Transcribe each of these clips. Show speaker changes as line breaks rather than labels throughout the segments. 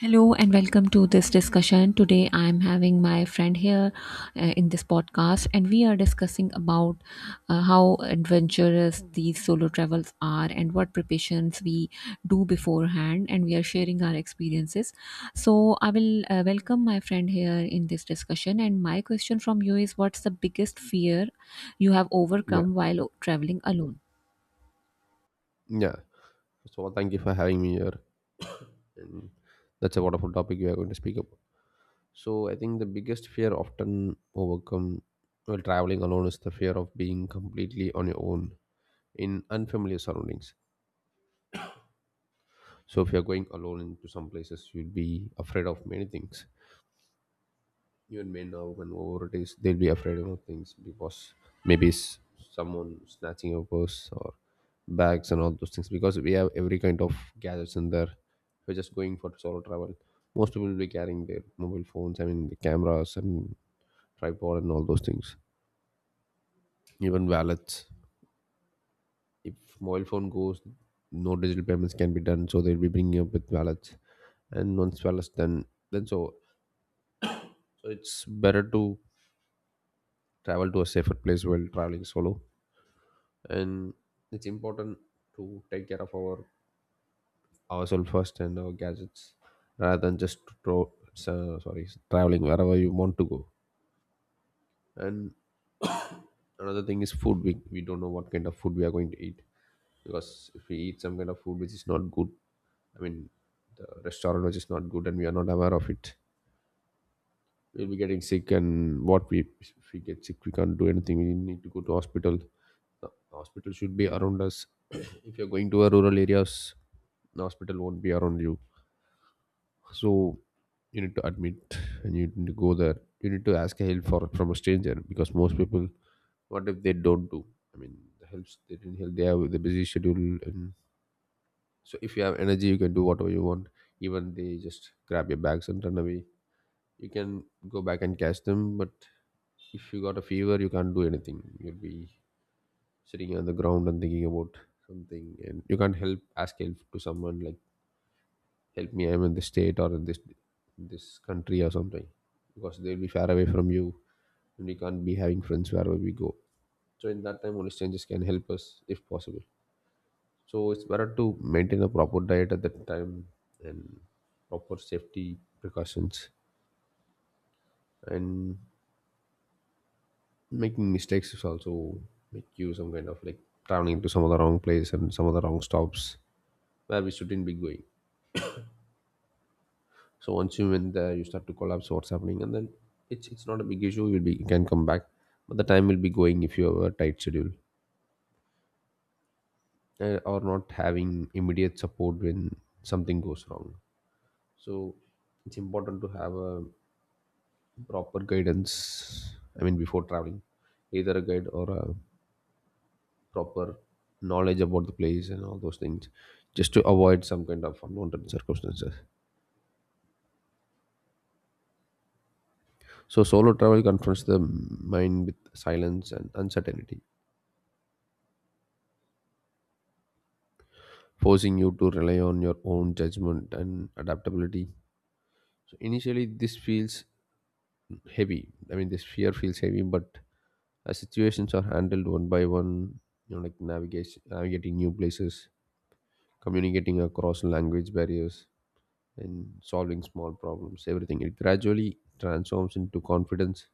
Hello and welcome to this discussion. Today I am having my friend here in this podcast, and we are discussing about how adventurous these solo travels are and what preparations we do beforehand, and we are sharing our experiences. So I will welcome my friend here in this discussion. And my question from you is, what's the biggest fear you have
Yeah,
overcome while traveling alone?
yeah. So well, thank you for having me here, and that's a wonderful topic we are going to speak about. So I think the biggest fear often overcome while traveling alone is the fear of being completely on your own in unfamiliar surroundings. So if you're going alone into some places, you'll be afraid of many things. Even men now when nowadays they'll be afraid of things because maybe s- someone snatching your purse or bags and all those things, because we have every kind of gadgets in there. If we're just going for solo travel, most people will be carrying their mobile phones, I mean the cameras and tripod and all those things, even wallets. If mobile phone goes, no digital payments can be done, so they'll be bringing up with wallets. And once wallets done, then so so it's better to travel to a safer place while traveling solo. And it's important to take care of ourselves first and our gadgets, rather than just throw, sorry, traveling wherever you want to go. And another thing is food. We don't know what kind of food we are going to eat, because if we eat some kind of food which is not good, I mean the restaurant which is not good and we are not aware of it, we'll be getting sick. And what we if we get sick we can't do anything, we need to go to hospital. The hospital should be around us. If you're going to a rural areas, the hospital won't be around you. So you need to admit and you need to go there, you need to ask help for from a stranger, because most people what if they don't do, I mean the helps they didn't help, they have the busy schedule. And so if you have energy you can do whatever you want. Even they just grab your bags and run away, you can go back and catch them. But if you got a fever you can't do anything, you'll be sitting on the ground and thinking about something, and you can't help ask help to someone like help me I'm in this state or in this country or something, because they'll be far away from you. And we can't be having friends wherever we go, so in that time only strangers can help us, if possible. So it's better to maintain a proper diet at that time, and proper safety precautions. And making mistakes is also make you some kind of like traveling to some of the wrong place and some of the wrong stops where we shouldn't be going. So once you win there, you start to collapse what's happening, and then it's not a big issue. You can come back, but the time will be going if you have a tight schedule or not having immediate support when something goes wrong. So it's important to have a proper guidance. I mean, before traveling, either a guide or a proper knowledge about the place and all those things, just to avoid some kind of unwanted circumstances. So solo travel confronts the mind with silence and uncertainty, forcing you to rely on your own judgment and adaptability. So initially, this feels heavy. I mean, this fear feels heavy, but as situations are handled one by one, you know, like navigation, navigating new places, communicating across language barriers, and solving small problems, everything it gradually transforms into confidence.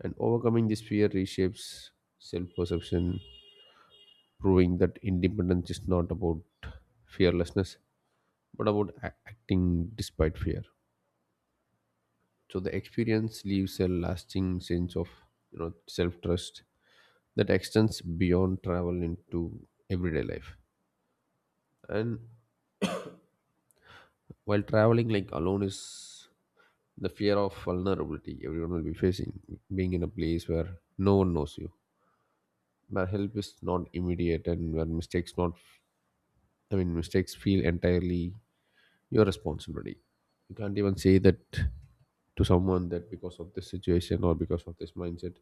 And overcoming this fear reshapes self-perception, proving that independence is not about fearlessness, but about acting despite fear. So the experience leaves a lasting sense of, you know, self trust that extends beyond travel into everyday life. And while traveling like alone is the fear of vulnerability everyone will be facing, being in a place where no one knows you, where help is not immediate, and where mistakes not, I mean mistakes feel entirely your responsibility. You can't even say that to someone that because of this situation or because of this mindset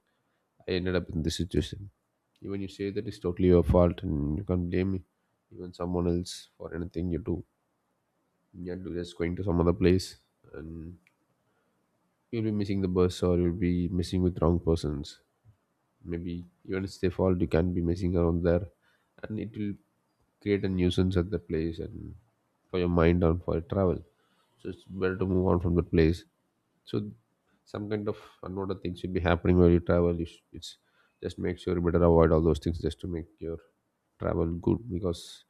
I ended up in this situation. Even you say that it's totally your fault and you can't blame me, even someone else for anything you do. You are just going to some other place, and you'll be missing the bus or you'll be missing with wrong persons. Maybe even it's their fault, you can't be messing around there, and it will create a nuisance at the place and for your mind and for your travel. So it's better to move on from the place. So some kind of unwanted things will be happening while you travel. It's just make sure you better avoid all those things just to make your travel good, because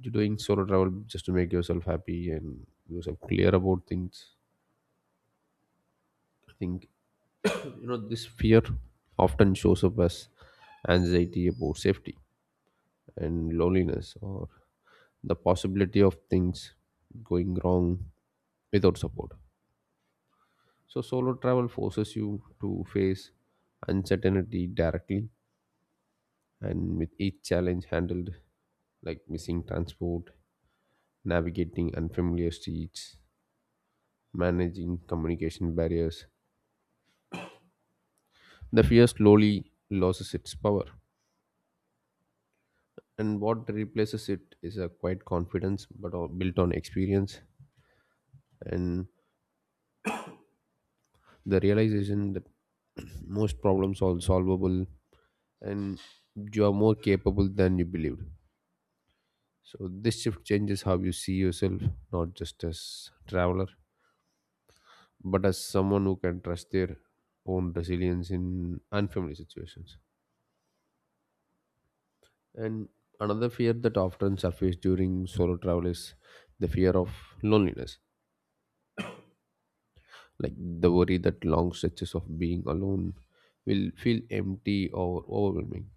you're doing solo travel just to make yourself happy and yourself clear about things, I think. So, you know, this fear often shows up as anxiety about safety and loneliness or the possibility of things going wrong without support. So solo travel forces you to face uncertainty directly, and with each challenge handled like missing transport, navigating unfamiliar streets, managing communication barriers, the fear slowly loses its power. And what replaces it is a quiet confidence but all built on experience, and the realization that most problems are solvable and you are more capable than you believed. So this shift changes how you see yourself, not just as traveler, but as someone who can trust their own resilience in unfamiliar situations. And another fear that often surfaces during solo travel is the fear of loneliness, like the worry that long stretches of being alone will feel empty or overwhelming.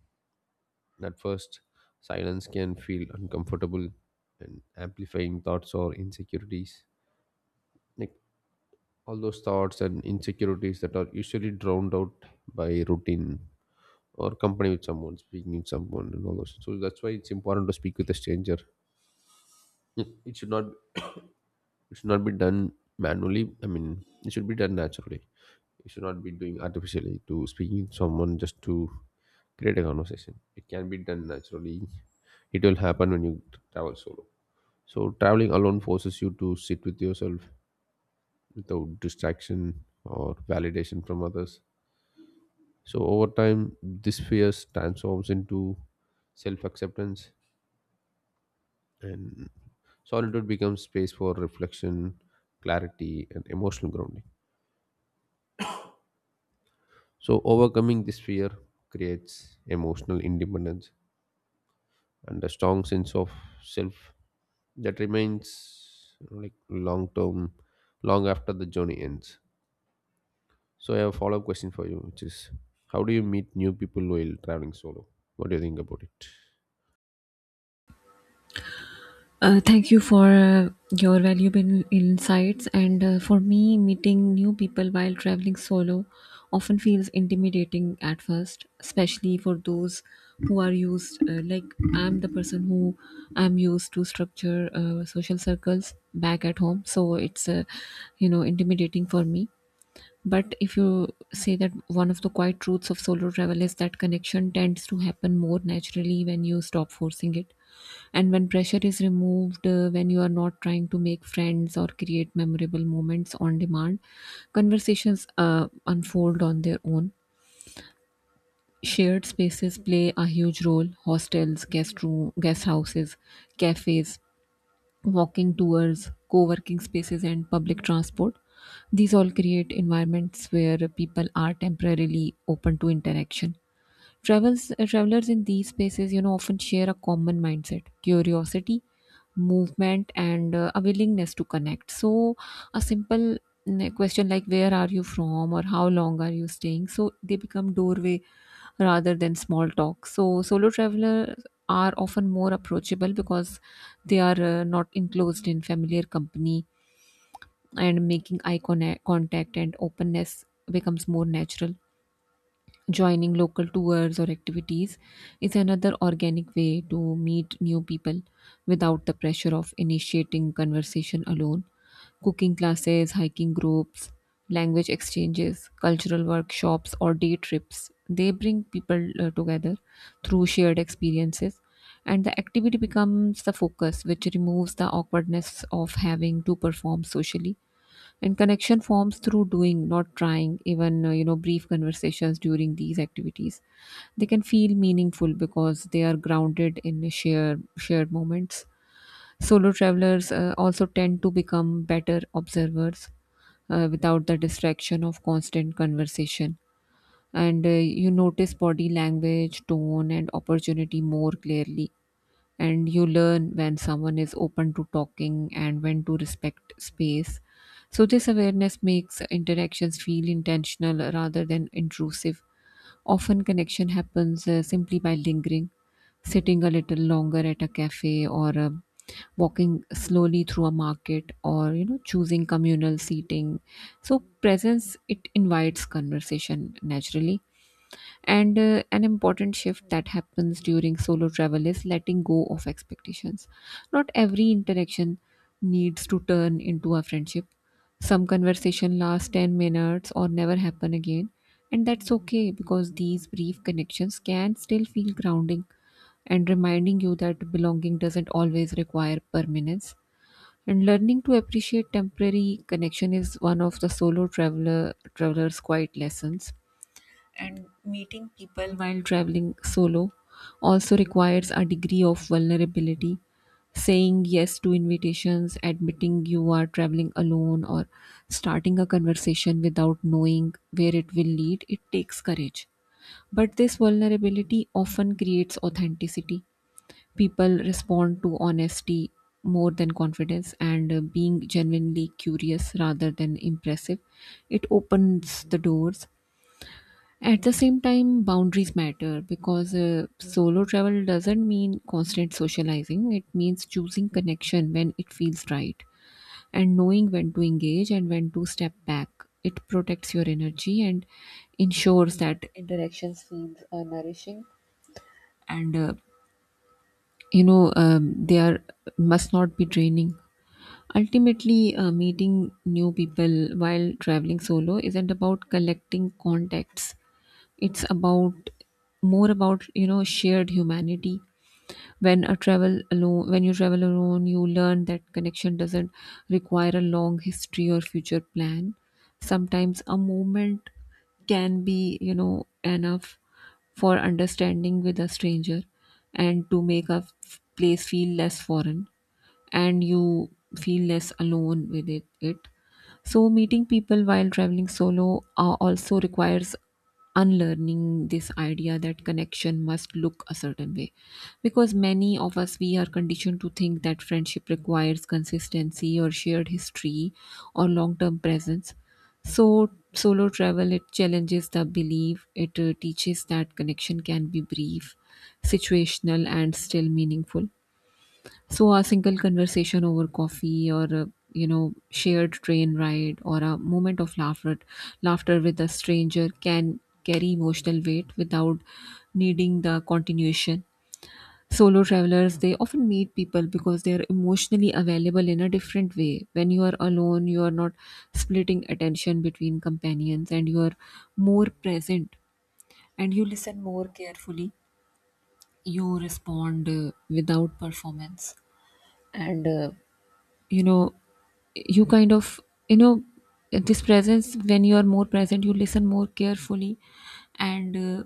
At first, silence can feel uncomfortable and amplifying thoughts or insecurities. Like all those thoughts and insecurities that are usually drowned out by routine or company with someone, speaking with someone, and all those. So that's why it's important to speak with a stranger. Hmm. It should not be done manually. I mean, it should be done naturally. You should not be doing artificially to speaking with someone just to create a conversation. It can be done naturally. It will happen when you travel solo. So traveling alone forces you to sit with yourself without distraction or validation from others. So over time, this fear transforms into self-acceptance. And solitude becomes space for reflection, clarity, and emotional grounding. So, overcoming this fear creates emotional independence and a strong sense of self that remains, you know, like long term, long after the journey ends. So, I have a follow up question for you, which is how do you meet new people while traveling solo? What do you think about it?
Thank you for your valuable insights. And for me, meeting new people while traveling solo often feels intimidating at first, especially for those who are used. I'm the person who I'm used to structure social circles back at home, so it's intimidating for me, but if you say that one of the quiet truths of solo travel is that connection tends to happen more naturally when you stop forcing it. And when pressure is removed, when you are not trying to make friends or create memorable moments on demand, conversations unfold on their own. Shared spaces play a huge role: hostels, guest, room, guest houses, cafes, walking tours, co working spaces, and public transport. These all create environments where people are temporarily open to interaction. Travelers in these spaces, you know, often share a common mindset, curiosity, movement, and a willingness to connect. So, a simple question like "Where are you from?" or "How long are you staying?" So they become doorway rather than small talk. So, solo travelers are often more approachable because they are not enclosed in familiar company, and making contact and openness becomes more natural. Joining local tours or activities is another organic way to meet new people without the pressure of initiating conversation alone: cooking classes, hiking groups, language exchanges, cultural workshops, or day trips. They bring people together through shared experiences, and the activity becomes the focus, which removes the awkwardness of having to perform socially. And connection forms through doing, not trying, even brief conversations during these activities. They can feel meaningful because they are grounded in shared moments. Solo travelers also tend to become better observers without the distraction of constant conversation. And you notice body language, tone, and opportunity more clearly. And you learn when someone is open to talking and when to respect space. So, this awareness makes interactions feel intentional rather than intrusive. Often, connection happens simply by lingering, sitting a little longer at a cafe, or walking slowly through a market, or you know, choosing communal seating. So, presence it invites conversation naturally, and an important shift that happens during solo travel is letting go of expectations. Not every interaction needs to turn into a friendship. Some conversation lasts 10 minutes or never happen again. And that's okay, because these brief connections can still feel grounding and reminding you that belonging doesn't always require permanence. And learning to appreciate temporary connection is one of the solo traveler's quiet lessons. And meeting people while traveling solo also requires a degree of vulnerability. Saying yes to invitations, admitting you are traveling alone, or starting a conversation without knowing where it will lead, it takes courage. But this vulnerability often creates authenticity. People respond to honesty more than confidence, and being genuinely curious rather than impressive, it opens the doors. At the same time, boundaries matter, because solo travel doesn't mean constant socializing. It means choosing connection when it feels right and knowing when to engage and when to step back. It protects your energy and ensures that interactions feel nourishing and they are must not be draining. Ultimately, meeting new people while traveling solo isn't about collecting contacts, it's about more about, you know, shared humanity. When you travel alone, you learn that connection doesn't require a long history or future plan. Sometimes a moment can be, you know, enough for understanding with a stranger and to make a place feel less foreign and you feel less alone with it. So, meeting people while traveling solo also requires unlearning this idea that connection must look a certain way, because many of us we are conditioned to think that friendship requires consistency or shared history or long-term presence. So solo travel it challenges the belief. It teaches that connection can be brief, situational, and still meaningful. So a single conversation over coffee, or a, you know, shared train ride, or a moment of laughter with a stranger can carry emotional weight without needing the continuation. Solo travelers they often meet people because they are emotionally available in a different way. When you are alone, you are not splitting attention between companions and you are more present and you listen more carefully. You respond without performance and you know you kind of you know this presence, when you are more present you listen more carefully, and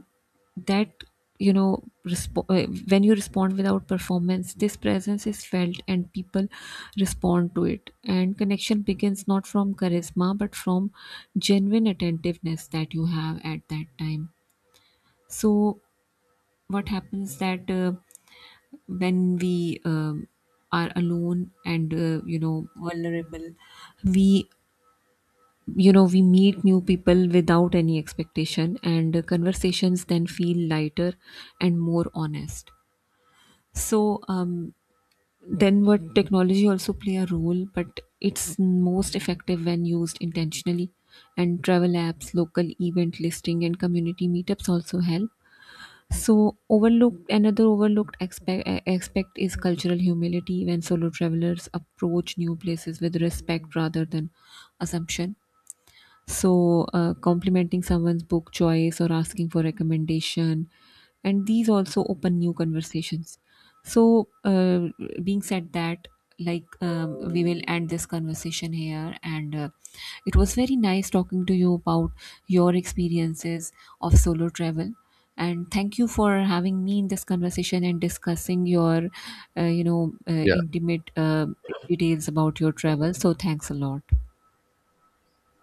that you know resp- when you respond without performance this presence is felt and people respond to it, and connection begins not from charisma but from genuine attentiveness that you have at that time. So what happens that when we are alone and you know vulnerable, we you know we meet new people without any expectation, and conversations then feel lighter and more honest. So then what technology also play a role, but it's most effective when used intentionally, and travel apps, local event listing, and community meetups also help. So, overlooked another overlooked aspect is cultural humility, when solo travelers approach new places with respect rather than assumption. So, complimenting someone's book choice or asking for recommendation, and these also open new conversations. So, being said that, we will end this conversation here, and it was very nice talking to you about your experiences of solo travel. And thank you for having me in this conversation and discussing your,
Yeah.
intimate details about your travel. So, thanks a lot.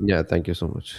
Yeah. Thank you so much.